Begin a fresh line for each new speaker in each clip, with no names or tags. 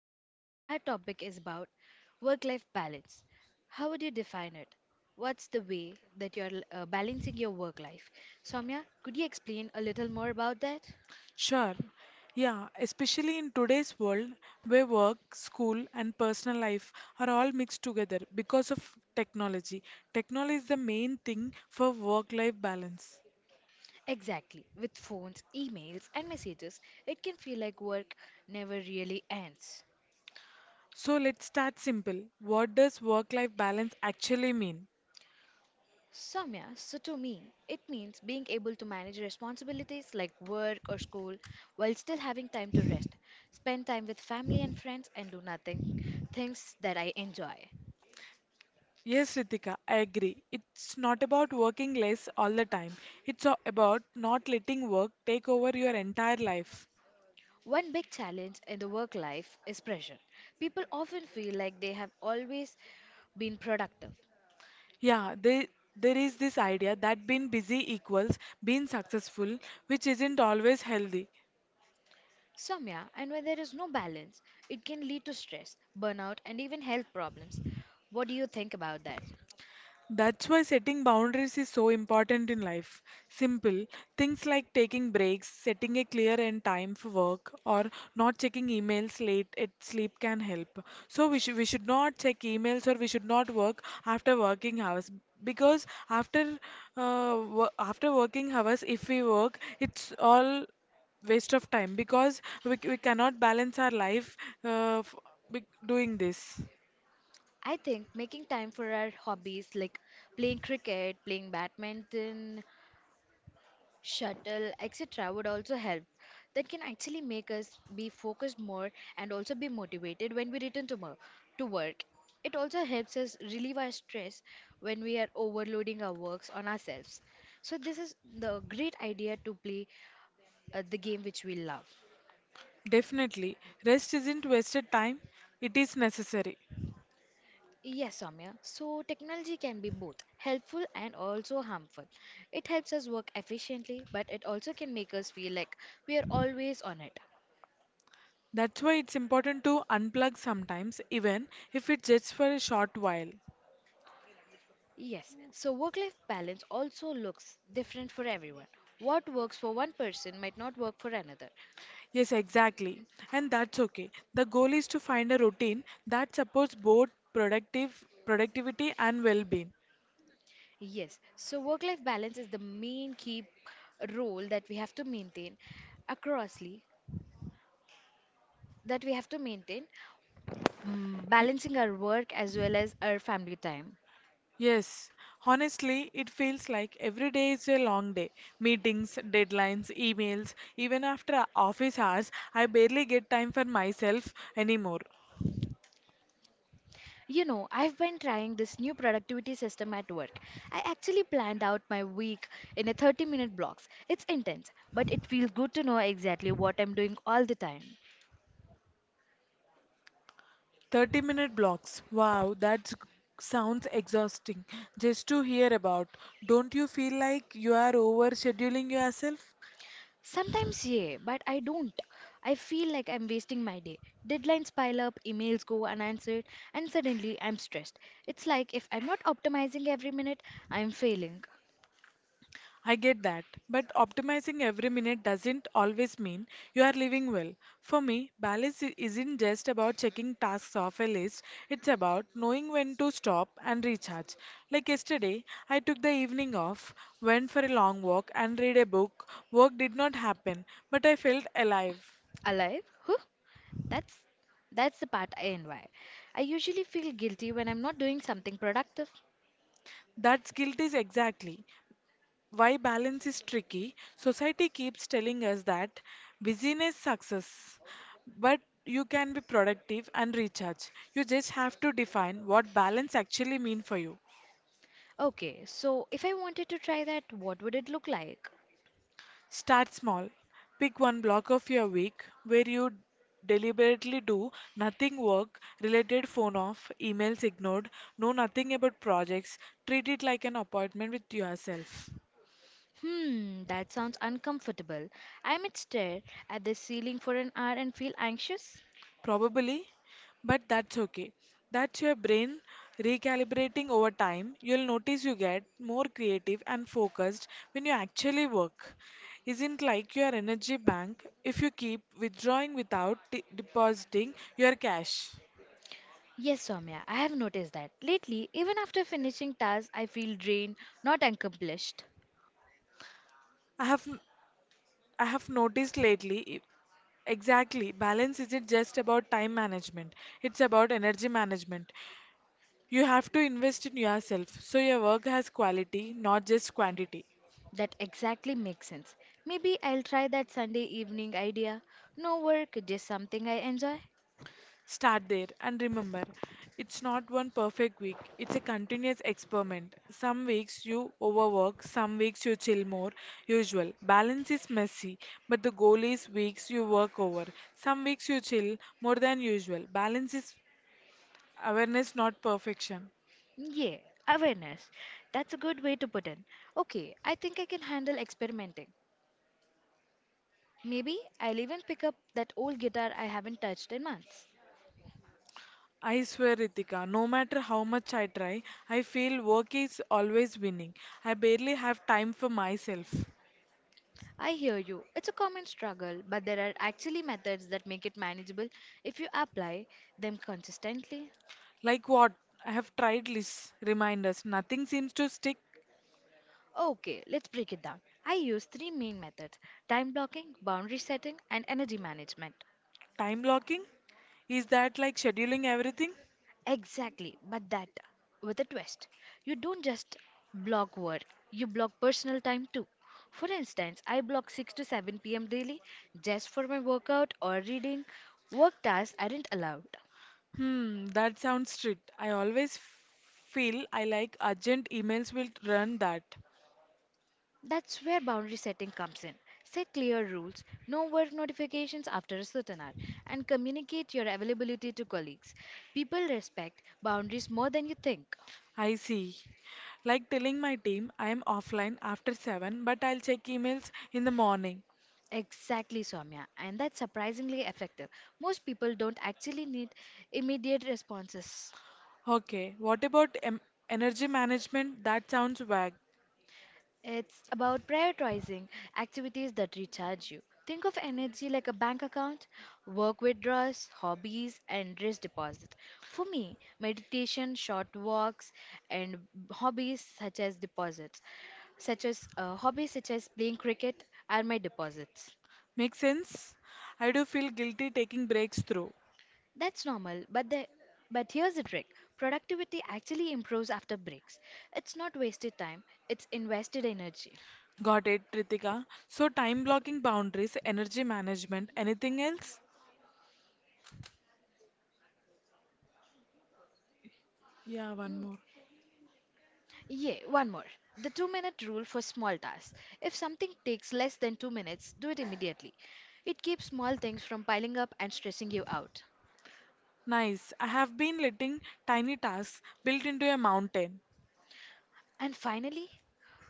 today our topic is about work-life balance. How would you define it? What's the way that you're balancing your work life? Soumya, could you explain a little more about that?
Sure. Yeah, especially in today's world where work, school, and personal life are all mixed together because of technology. Technology is the main thing for work life balance.
Exactly. With phones, emails, and messages, it can feel like work never really ends.
So let's start simple. What does work life balance actually mean?
Soumya, so to me, it means being able to manage responsibilities like work or school while still having time to rest, spend time with family and friends, and do nothing, things that I enjoy.
Yes, Ritika, I agree. It's not about working less all the time. It's about not letting work take over your entire life.
One big challenge in the work life is pressure. People often feel like they have always been productive.
Yeah, there is this idea that being busy equals being successful, which isn't always healthy.
Soumya, and when there is no balance, it can lead to stress, burnout, and even health problems. What do you think about that?
That's why setting boundaries is so important in life. Simple things like taking breaks, setting a clear end time for work, or not checking emails late at sleep can help. So we should not check emails or we should not work after working hours because after working hours, if we work, it's all waste of time because we cannot balance our life uh, f- doing this.
I think making time for our hobbies like playing cricket, playing badminton, shuttle, etc., would also help. That can actually make us be focused more and also be motivated when we to work. It also helps us relieve our stress when we are overloading our works on ourselves. So, this is the great idea to play the game which we love.
Definitely. Rest isn't wasted time, it is necessary.
Yes, Soumya. So, technology can be both helpful and also harmful. It helps us work efficiently, but it also can make us feel like we are always on it.
That's why it's important to unplug sometimes, even if it's just for a short while.
Yes, so work life balance also looks different for everyone. What works for one person might not work for another.
Yes, exactly. And that's okay. The goal is to find a routine that supports both productive productivity and well-being.
Yes, so work life balance is the main key role that we have to maintain acrossly, that we have to maintain balancing our work as well as our family time.
Yes, honestly, it feels like every day is a long day. Meetings, deadlines, emails, even after office hours, I barely get time for myself anymore.
You know, I've been trying this new productivity system at work. I actually planned out my week in a 30-minute blocks. It's intense, but it feels good to know exactly what I'm doing all the time.
30-minute blocks. Wow, that sounds exhausting just to hear about. Don't you feel like you are overscheduling yourself?
Sometimes, yeah, but I don't. I feel like I'm wasting my day. Deadlines pile up, emails go unanswered, and suddenly I'm stressed. It's like if I'm not optimizing every minute, I'm failing.
I get that, but optimizing every minute doesn't always mean you are living well. For me, balance isn't just about checking tasks off a list, it's about knowing when to stop and recharge. Like yesterday, I took the evening off, went for a long walk, and read a book. Work did not happen, but I felt alive.
Alive? Huh? That's that's the part I envy. I usually feel guilty when I'm not doing something productive.
That guilt is exactly why balance is tricky. Society keeps telling us that busyness success, but you can be productive and recharge. You just have to define what balance actually mean for you.
Okay, so if I wanted to try that, what would it look like?
Start small. Pick one block of your week where you deliberately do nothing work related phone off, emails ignored, know nothing about projects. Treat it like an appointment with yourself.
Hmm, that sounds uncomfortable. I might stare at the ceiling for an hour and feel anxious.
Probably, but that's okay. That's your brain recalibrating over time. You'll notice you get more creative and focused when you actually work. Isn't like your energy bank if you keep withdrawing without depositing your cash.
Yes, Soumya, I have noticed that. Lately, even after finishing tasks, I feel drained, not accomplished.
I have I have noticed lately exactly balance isn't just about time management. It's about energy management. You have to invest in yourself so your work has quality, not just quantity.
That exactly makes sense. Maybe I'll try that Sunday evening idea. No work, just something I enjoy.
Start there and remember, it's not one perfect week, it's a continuous experiment. Some weeks you overwork, some weeks you chill more, usual. Balance is messy, but the goal is weeks you work over. Some weeks you chill more than usual. Balance is awareness, not perfection.
Yeah, awareness. That's a good way to put it. Okay, I think I can handle experimenting. Maybe I'll even pick up that old guitar I haven't touched in months.
I swear, Ritika, no matter how much I try, I feel work is always winning. I barely have time for myself.
I hear you. It's a common struggle, but there are actually methods that make it manageable if you apply them consistently.
Like what? I have tried lists, reminders, nothing seems to stick.
Okay, let's break it down. I use three main methods: time blocking, boundary setting, and energy management.
Time blocking? Is that like scheduling everything?
Exactly, but that with a twist. You don't just block work, you block personal time too. For instance, I block 6 to 7 p.m. daily just for my workout or reading. Work tasks aren't allowed.
Hmm, that sounds strict. I always feel I like urgent emails will run that.
That's where boundary setting comes in. Set clear rules, no work notifications after a certain hour, and communicate your availability to colleagues. People respect boundaries more than you think.
I see. Like telling my team I am offline after 7, but I'll check emails in the morning.
Exactly, Soumya, and that's surprisingly effective. Most people don't actually need immediate responses.
Okay, what about energy management? That sounds vague.
It's about prioritizing activities that recharge you. Think of energy like a bank account, work withdrawals, hobbies, and risk deposit. For me, meditation, short walks, and hobbies such as deposits, hobbies such as playing cricket, are my deposits.
Makes sense? I do feel guilty taking breaks through.
That's normal, but the but here's the trick. Productivity actually improves after breaks. It's not wasted time, it's invested energy.
Got it, Ritika. So, time blocking boundaries, energy management, anything else? Yeah, one
Mm,
more.
Yeah, one more. The 2 minute rule for small tasks. If something takes less than 2 minutes, do it immediately. It keeps small things from piling up and stressing you out.
Nice. I have been letting tiny tasks built into a mountain.
And finally,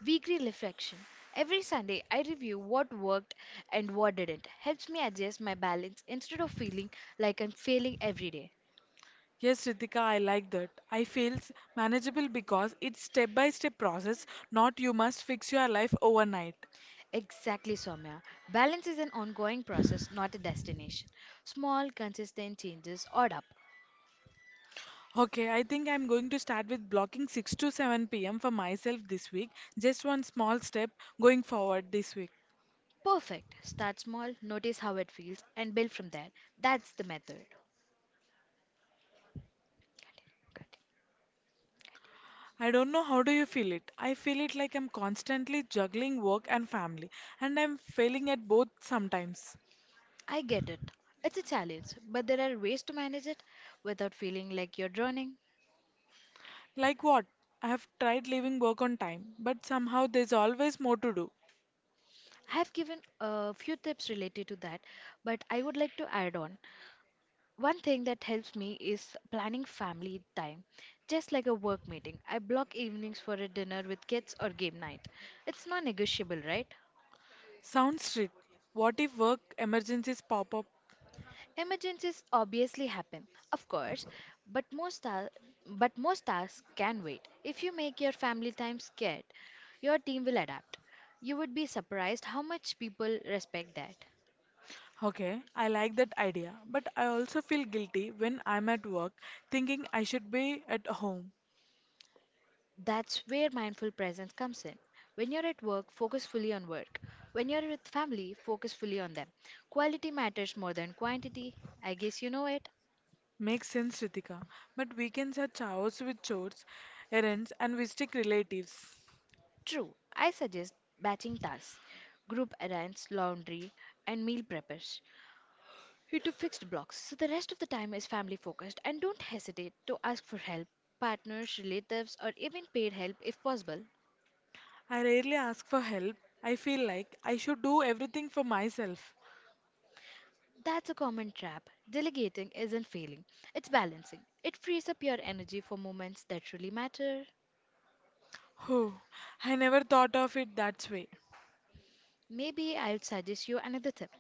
weekly reflection. Every Sunday, I review what worked and what didn't. Helps me adjust my balance instead of feeling like I'm failing every day.
Yes, Ritika, I like that. I feels manageable because it's step by step process, not you must fix your life overnight.
Exactly, Soumya. Balance is an ongoing process, not a destination. Small, consistent changes add up.
Okay, I think I'm going to start with blocking 6 to 7 p.m. for myself this week. Just one small step going forward this week.
Perfect. Start small, notice how it feels, and build from there. That's the method.
I don't know how do you feel it. I feel it like I'm constantly juggling work and family and I'm failing at both sometimes.
I get it. It's a challenge, but there are ways to manage it without feeling like you're drowning.
Like what? I have tried leaving work on time, but somehow there's always more to do.
I have given a few tips related to that, but I would like to add on. One thing that helps me is planning family time. Just like a work meeting, I block evenings for a dinner with kids or game night. It's non negotiable, right?
Sounds strict. What if work emergencies pop up?
Emergencies obviously happen, of course, but most, ta- but most tasks can wait. If you make your family time scared, your team will adapt. You would be surprised how much people respect that.
Okay, I like that idea, but I also feel guilty when I'm at work thinking I should be at home.
That's where mindful presence comes in. When you're at work, focus fully on work. When you're with family, focus fully on them. Quality matters more than quantity. I guess you know it.
Makes sense, Ritika. But weekends are chaos with chores, errands, and visiting relatives.
True. I suggest batching tasks, group errands, laundry, and meal preppers into fixed blocks so the rest of the time is family focused, and don't hesitate to ask for help, partners, relatives, or even paid help if possible.
I rarely ask for help. I feel like I should do everything for myself.
That's a common trap. Delegating isn't failing, it's balancing. It frees up your energy for moments that really matter.
Oh, I never thought of it that way.
Maybe I would suggest you another tip.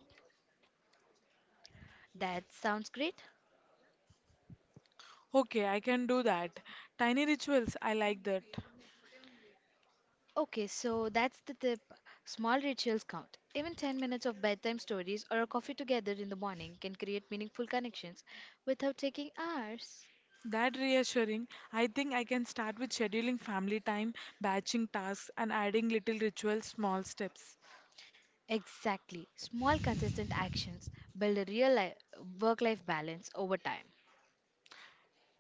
That sounds great.
Okay, I can do that. Tiny rituals, I like that.
Okay, so that's the tip. Small rituals count. Even 10 minutes of bedtime stories or a coffee together in the morning can create meaningful connections without taking hours.
That reassuring. I think I can start with scheduling family time, batching tasks, and adding little rituals, small steps.
Exactly. Small, consistent actions build a real work life balance over time.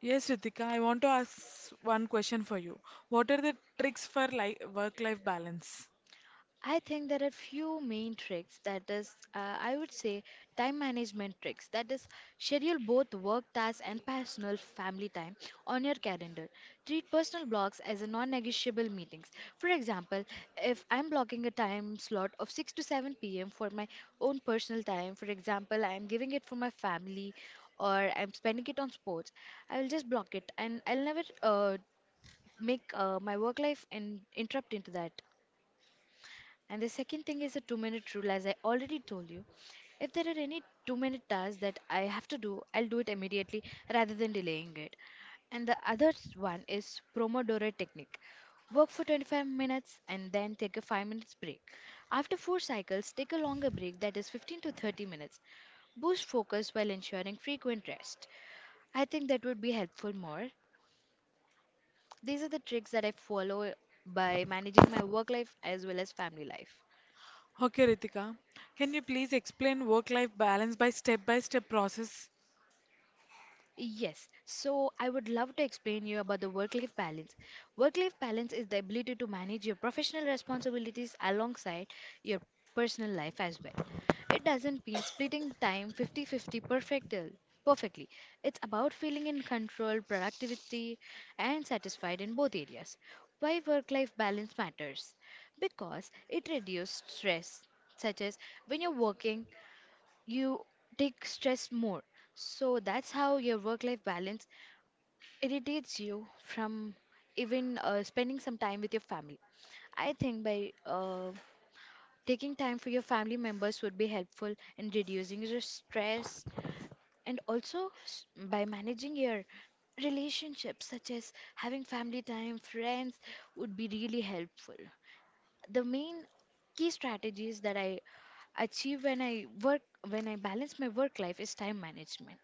Yes, Ritika, I want to ask one question for you. What are the tricks for work-life balance?
I think there are few main tricks that is I would say time management tricks, that is schedule both work tasks and personal family time on your calendar. Treat personal blocks as a non-negotiable meetings. For example, if I'm blocking a time slot of 6 to 7 p.m. for my own personal time, for example, I'm giving it for my family or I'm spending it on sports, I will just block it and I'll never make my work life and interrupt into that. And the second thing is a 2 minute rule, as I already told you. If there are any 2 minute tasks that I have to do, I'll do it immediately rather than delaying it. And the other one is Pomodoro technique. Work for 25 minutes and then take a 5 minutes break. After 4 cycles, take a longer break, that is 15 to 30 minutes. Boost focus while ensuring frequent rest. I think that would be helpful more. These are the tricks that I follow by managing my work life as well as family life.
Okay, Ritika, can you please explain work-life balance by step-by-step process?
Yes, so I would love to explain you about the work-life balance. Work-life balance is the ability to manage your professional responsibilities alongside your personal life as well. It doesn't mean splitting time perfectly. It's about feeling in control, productivity, and satisfied in both areas. Why work-life balance matters? Because it reduces stress, such as when you're working, you take stress more. So that's how your work-life balance irritates you from even spending some time with your family. I think by taking time for your family members would be helpful in reducing your stress, and also by managing your relationships such as having family time, friends would be really helpful. The main key strategies that I achieve when I work when I balance my work life is time management.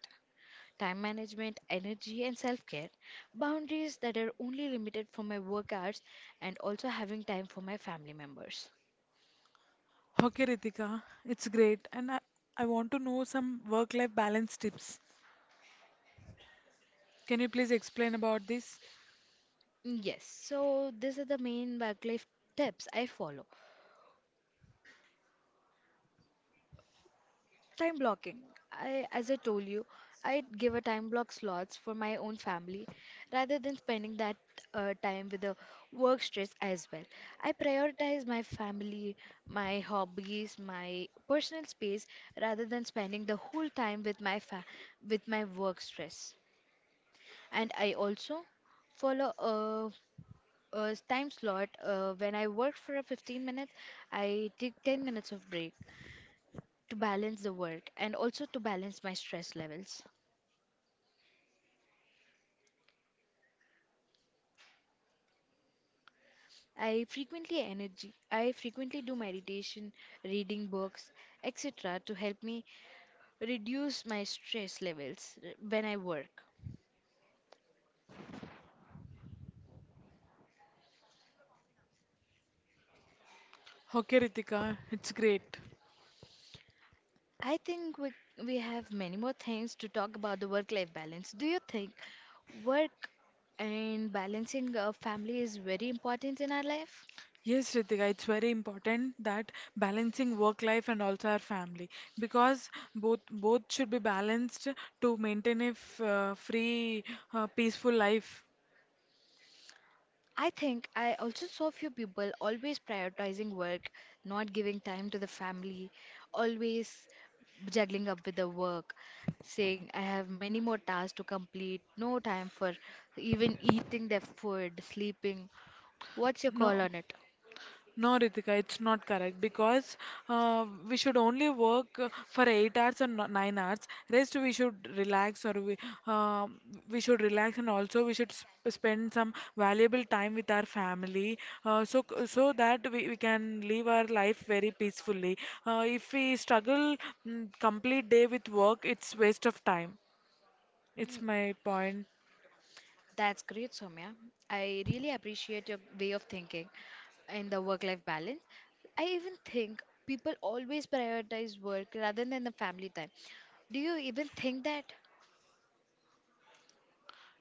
Time management, energy, and self care, boundaries that are only limited for my work hours, and also having time for my family members.
Okay, Ritika, it's great, and I want to know some work-life balance tips. Can you please explain about this?
Yes, so these are the main work life tips I follow. Time blocking. I, as I told you, I give a time block slots for my own family rather than spending that time with the work stress as well. I prioritize my family, my hobbies, my personal space rather than spending the whole time with my with my work stress. And I also follow a time slot when I work for a 15 minutes, I take 10 minutes of break to balance the work and also to balance my stress levels. I frequently energy I frequently do meditation, reading books, etc. to help me reduce my stress levels when I work.
Okay, Ritika, it's great.
I think we have many more things to talk about the work life balance. Do you think work and balancing a family is very important in our life?
Yes, Ritika, it's very important that balancing work life and also our family because both should be balanced to maintain a free, peaceful life.
I think I also saw few people always prioritizing work, not giving time to the family, always juggling up with the work, saying I have many more tasks to complete, no time for even eating their food, sleeping. What's your call
No.
on it?
No, Ritika, it's not correct because we should only work for 8 hours or 9 hours. Rest we should relax or uh, we should relax and also we should sp spend some valuable time with our family so so that we can live our life very peacefully. If we struggle complete day with work, it's waste of time. It's
Mm,
my point.
That's great, Soumya. I really appreciate your way of thinking in the work life balance. I even think people always prioritize work rather than the family time. Do you even think that?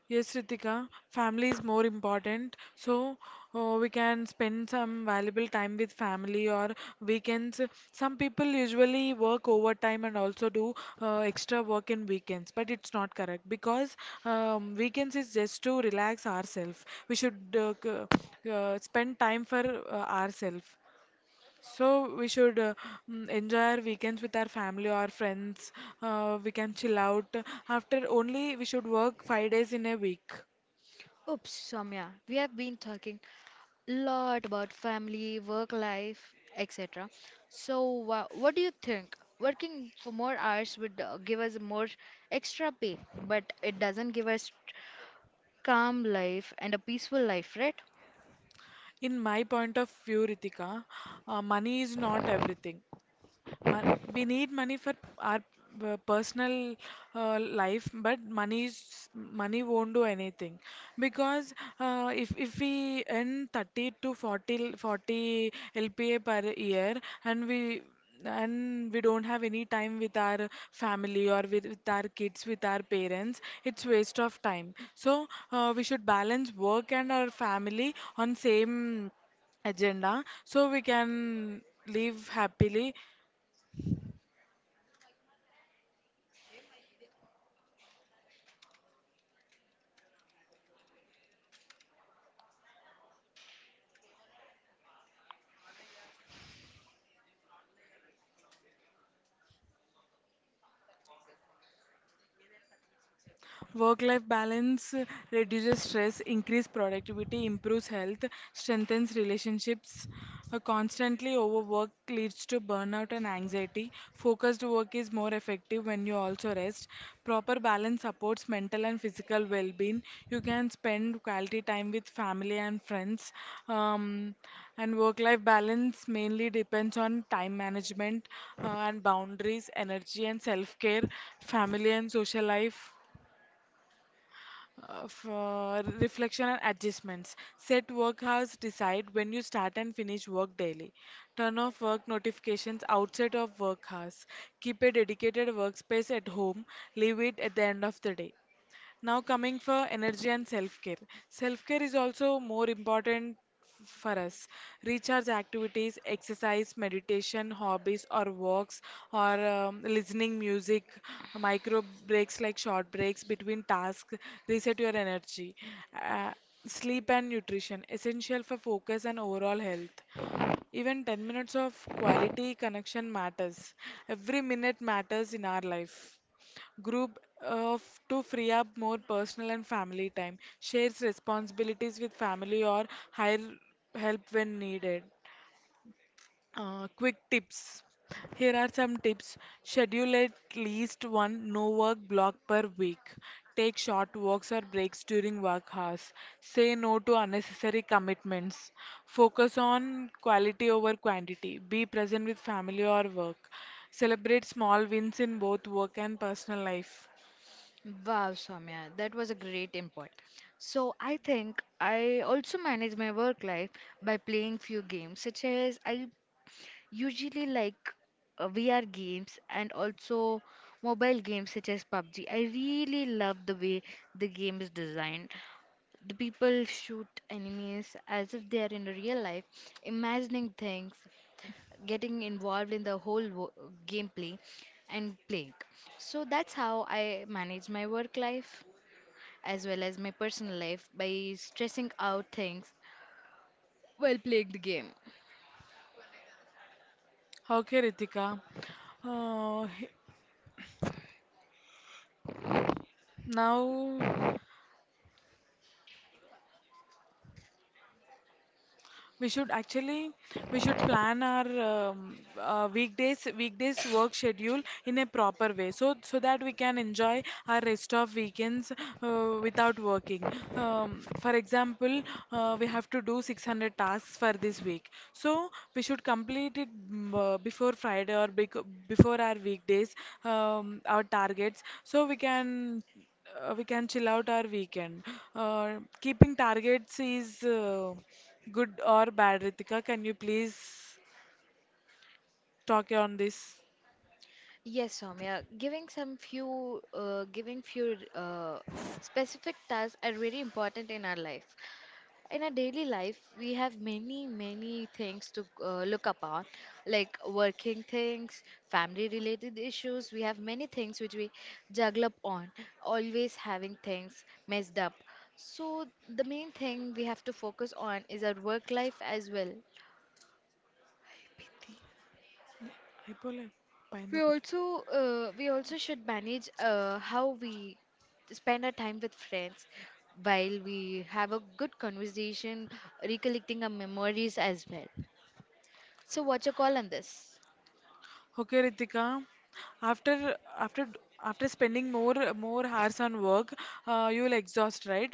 Yes, Ritika, family is more important. So we can spend some valuable time with family or weekends. Some people usually work overtime and also do extra work in weekends, but it's not correct because weekends is just to relax ourselves. We should spend time for ourselves. So we should enjoy our weekends with our family or friends. We can chill out. After only we should work 5 days in a week.
Oops, Soumya, we have been talking a lot about family, work life, etc. So, what do you think? Working for more hours would give us more extra pay, but it doesn't give us calm life and a peaceful life, right?
In my point of view, Ritika, money is not everything. Mo- we need money for our personal life, but money won't do anything because if we earn 30 to forty lpa per year and we and we don't have any time with our family or with our kids with our parents, it's waste of time. So we should balance work and our family on same agenda so we can live happily. Work life balance reduces stress, increases productivity, improves health, strengthens relationships. A constantly overwork leads to burnout and anxiety. Focused work is more effective when you also rest. Proper balance supports mental and physical well being. You can spend quality time with family and friends. Um, and work life balance mainly depends on time management and boundaries, energy and self care, family and social life for reflection and adjustments. Set work hours, decide when you start and finish work daily. Turn off work notifications outside of work hours. Keep a dedicated workspace at home, leave it at the end of the day. Now, coming for energy and self care. Self care is also more important for us. Recharge activities, exercise, meditation, hobbies, or walks, or listening music, micro breaks like short breaks between tasks, reset your energy. Uh, Sleep and nutrition, essential for focus and overall health. Even 10 minutes of quality connection matters. Every minute matters in our life. Group of to free up more personal and family time. Shares responsibilities with family or hire help when needed. Quick tips. Here are some tips. Schedule at least one no work block per week. Take short walks or breaks during work hours. Say no to unnecessary commitments. Focus on quality over quantity. Be present with family or work. Celebrate small wins in both work and personal life.
Wow, Soumya, that was a great input. So I think I also manage my work life by playing few games, such as I usually, like VR games and also mobile games such as PUBG. I really love the way the game is designed. The people shoot enemies as if they are in real life, imagining things, getting involved in the whole gameplay, and playing. So that's how I manage my work life as well as my personal life by stressing out things while playing the game.
Okay, Ritika. Uh, he- Now, we should actually we should plan our weekdays work schedule in a proper way so that we can enjoy our rest of weekends without working. For example, we have to do 600 tasks for this week. So we should complete it before Friday or before our weekdays our targets so we can chill out our weekend. Keeping targets is good or bad, Ritika? Can you please talk on this?
Yes, Soumya. Giving some few, giving few specific tasks are really important in our life. In our daily life, we have many, many things to look upon, like working things, family-related issues. We have many things which we juggle up on, always having things messed up. So the main thing we have to focus on is our work life as well.
అయిపోలే, పైంది
We
ఒకటి.
also uh, we also should manage how we spend our time with friends while we have a good conversation, recollecting our memories as well. So what's your call on this?
Okay, Ritika. After after after spending more hours on work, you will exhaust, right?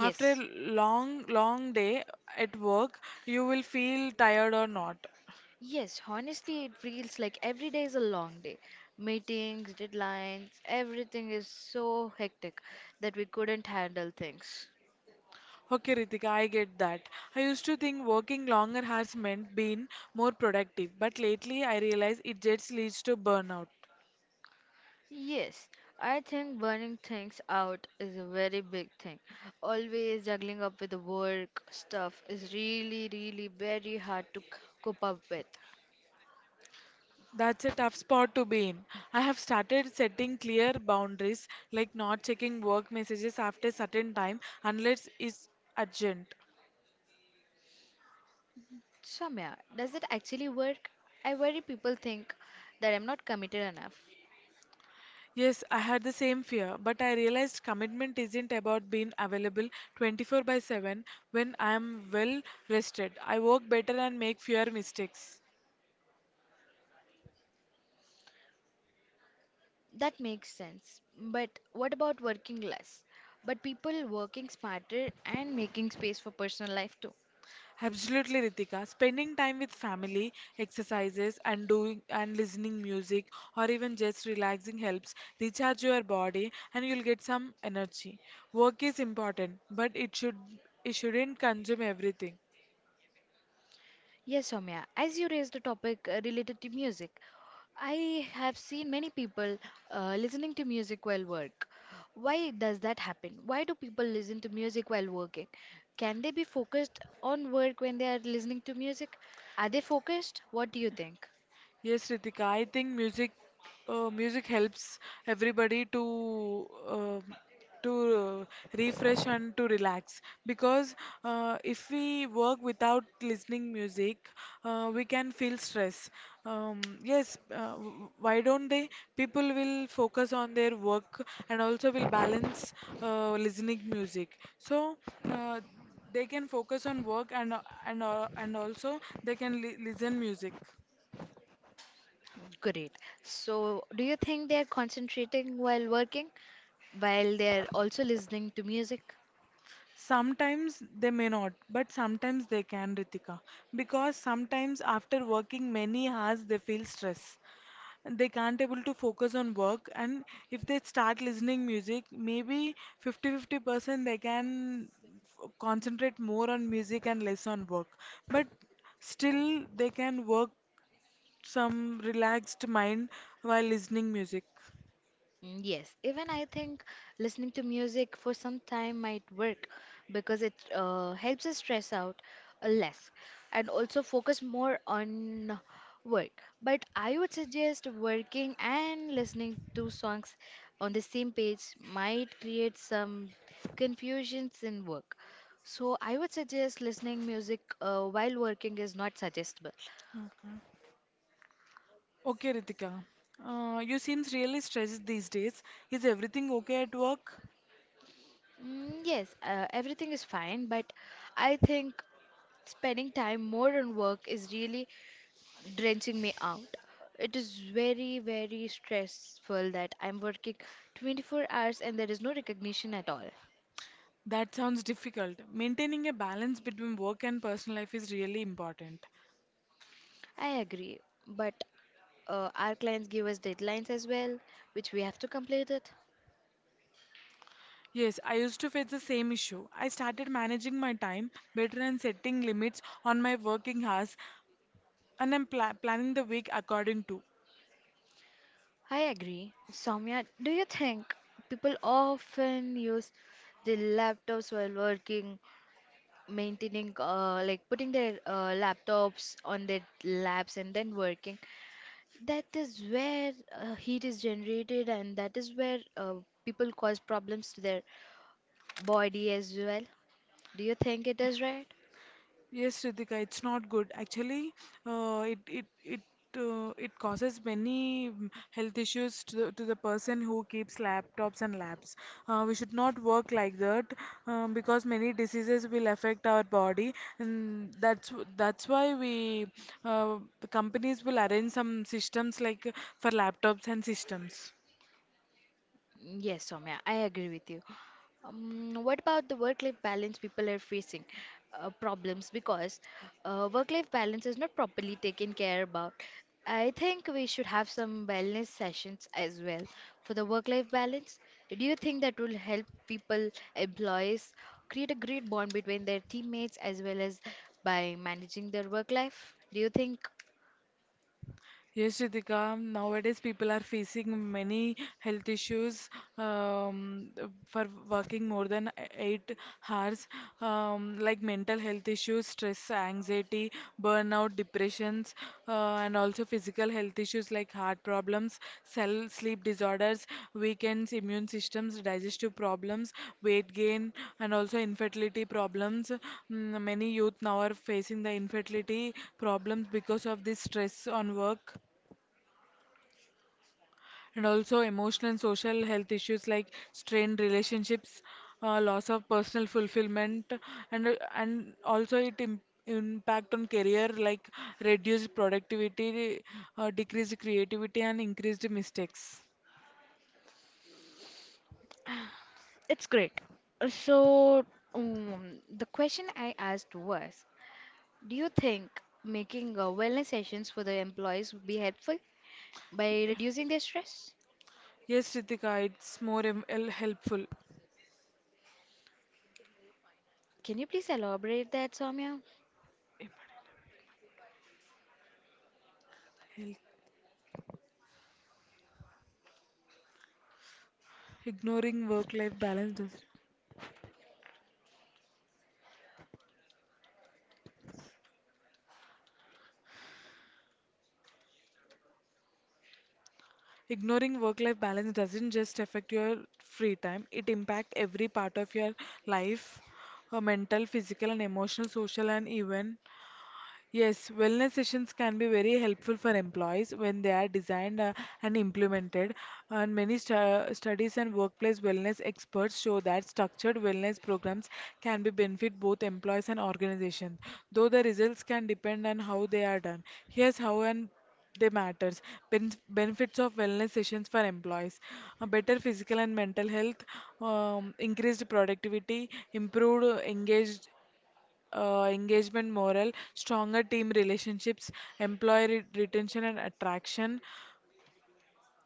After long long day at work, you will feel tired or not.
Yes, honestly, it feels like every day is a long day. Meetings, deadlines, everything is so hectic that we couldn't handle things.
Okay, Ritika, I get that. I used to think working longer has meant being more productive, but lately I realize it just leads to burnout.
Yes, I think burning things out is a very big thing. Always juggling up with the work stuff is really, really very hard to cope up with.
That's a tough spot to be in. I have started setting clear boundaries, like not checking work messages after certain time unless it's urgent.
Shamya, does it actually work? I worry people think that I'm not committed enough.
Yes, I had the same fear, but I realized commitment isn't about being available 24 by 7 when I am well rested. I work better and make fewer mistakes.
That makes sense. But what about working less? But people working smarter and making space for personal life too.
Absolutely, Ritika. Spending time with family, exercises, and doing and listening music, or even just relaxing helps recharge your body, and you'll get some energy. Work is important, but it shouldn't consume everything.
Yes, Soumya, as you raised the topic related to music, I have seen many people listening to music while work. Why does that happen? Why do people listen to music while working? Can they be focused on work when they are listening to music? Are they focused? What do you think?
Yes, Ritika, I think music helps everybody to uh, refresh and to relax because if we work without listening music, we can feel stress. Yes, why don't they? People will focus on their work and also will balance listening music. So uh, they can focus on work and also they can li listen music.
Great. So, do you think they are concentrating while working, while they are also listening to music?
Sometimes they may not, but sometimes they can, Ritika. Because sometimes after working many hours, they feel stress. They can't able to focus on work, and if they start listening music, maybe 50-50% they can concentrate more on music and less on work. But still, they can work some relaxed mind while listening music.
Mm, yes, even I think listening to music for some time might work because it helps us stress out less and also focus more on work. But I would suggest working and listening to songs on the same page might create some confusions in work. So I would suggest listening music while working is not suggestible.
Okay. Okay, Ritika. You seems really stressed these days. Is everything okay at work?
Mm, yes, everything is fine, but I think spending time more on work is really drenching me out. It is very, very stressful that I'm working 24 hours and there is no recognition at all.
That sounds difficult. Maintaining a balance between work and personal life is really important.
I agree, but our clients give us deadlines as well, which we have to complete it.
Yes, I used to face the same issue. I started managing my time better and setting limits on my working hours, and I'm planning the week according to.
I agree. Soumya, do you think people often use the laptops while working, maintaining, like putting their laptops on their laps and then working? That is where heat is generated, and that is where people cause problems to their body as well. Do you think it is right?
Yes, Ritika, it's not good. Actually, uh, it it it it causes many health issues to the person who keeps laptops and labs. We should not work like that because many diseases will affect our body, and that's why we the companies will arrange some systems like for laptops and systems.
Yes, Soumya, I agree with you. What about the work-life balance people are facing problems because work-life balance is not properly taken care about. I think we should have some wellness sessions as well for the work-life balance. Do you think that will help people, employees, create a great bond between their teammates as well as by managing their work life? Do you think?
Yes, Ritika, nowadays people are facing many health issues um, for working more than eight hours, like mental health issues, stress, anxiety, burnout, depressions, and also physical health issues like heart problems, cell sleep disorders, weakened immune systems, digestive problems, weight gain, and also infertility problems. Many youth now are facing the infertility problems because of this stress on work, and also emotional and social health issues like strained relationships, loss of personal fulfillment, and also impact on career like reduced productivity, decreased creativity, and increased mistakes.
It's great. So, the question I asked was, do you think making wellness sessions for the employees would be helpful by reducing their stress?
Yes, Ritika, it's more helpful.
Can you please elaborate that, Soumya?
Help. Ignoring work life balance does. Ignoring work-life balance doesn't just affect your free time, it impacts every part of your life, mental, physical and emotional, social and even. Yes, wellness sessions can be very helpful for employees when they are designed and implemented. And many studies and workplace wellness experts show that structured wellness programs can be benefit both employees and organizations, though the results can depend on how they are done. Here's how and they matters. Benefits of wellness sessions for employees: a better physical and mental health, increased productivity, improved engaged engagement, morale, stronger team relationships, employee retention and attraction.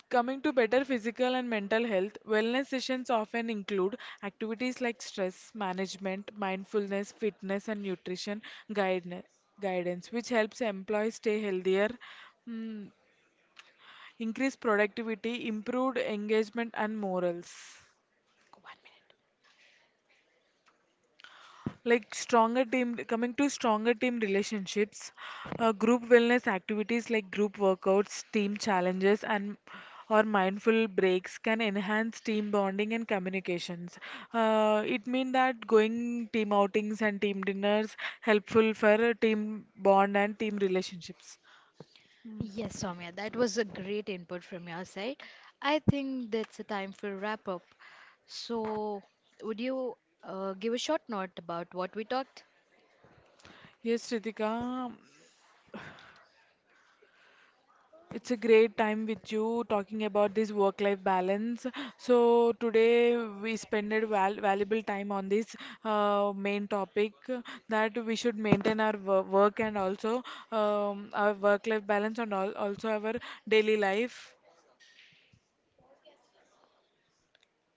Coming to better physical and mental health, wellness sessions often include activities like stress management, mindfulness, fitness, and nutrition guidance, guidance which helps employees stay healthier, mm, increase productivity, improved engagement, and morals. Coming to stronger team relationships, group wellness activities like group workouts, team challenges, and or mindful breaks can enhance team bonding and communications. It means that going team outings and team dinners helpful for team bond and team relationships. Mm.
Yes, Soumya, that was a great input from your side. I think that's a time for wrap up. So, would you give a short note about what we talked?
Yes, Ritika. It's a great time with you talking about this work life balance. So, today we spent a valuable time on this main topic that we should maintain our work and also our work life balance and all also our daily life.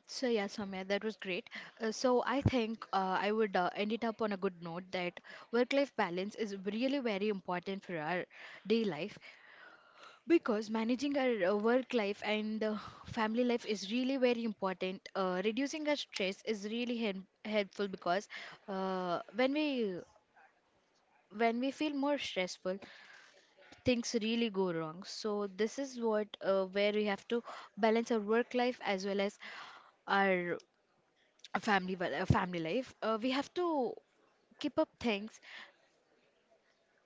So, yeah, Soumya, that was great. So, I think I would end it up on a good note that work life balance is really very important for our day life. Because managing our work life and family life is really very important. Reducing our stress is really helpful because uh, when we when we feel more stressful, things really go wrong. So this is what where we have to balance our work life as well as our family life. We have to keep up things,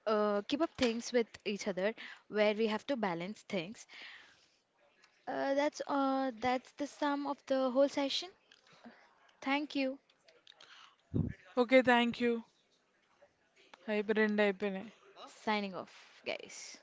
keep up things with each other where we have to balance things. That's that's the sum of the whole session. Thank you.
Okay, thank you. అయిపోయింది అయిపోయినాయి
Signing off, guys.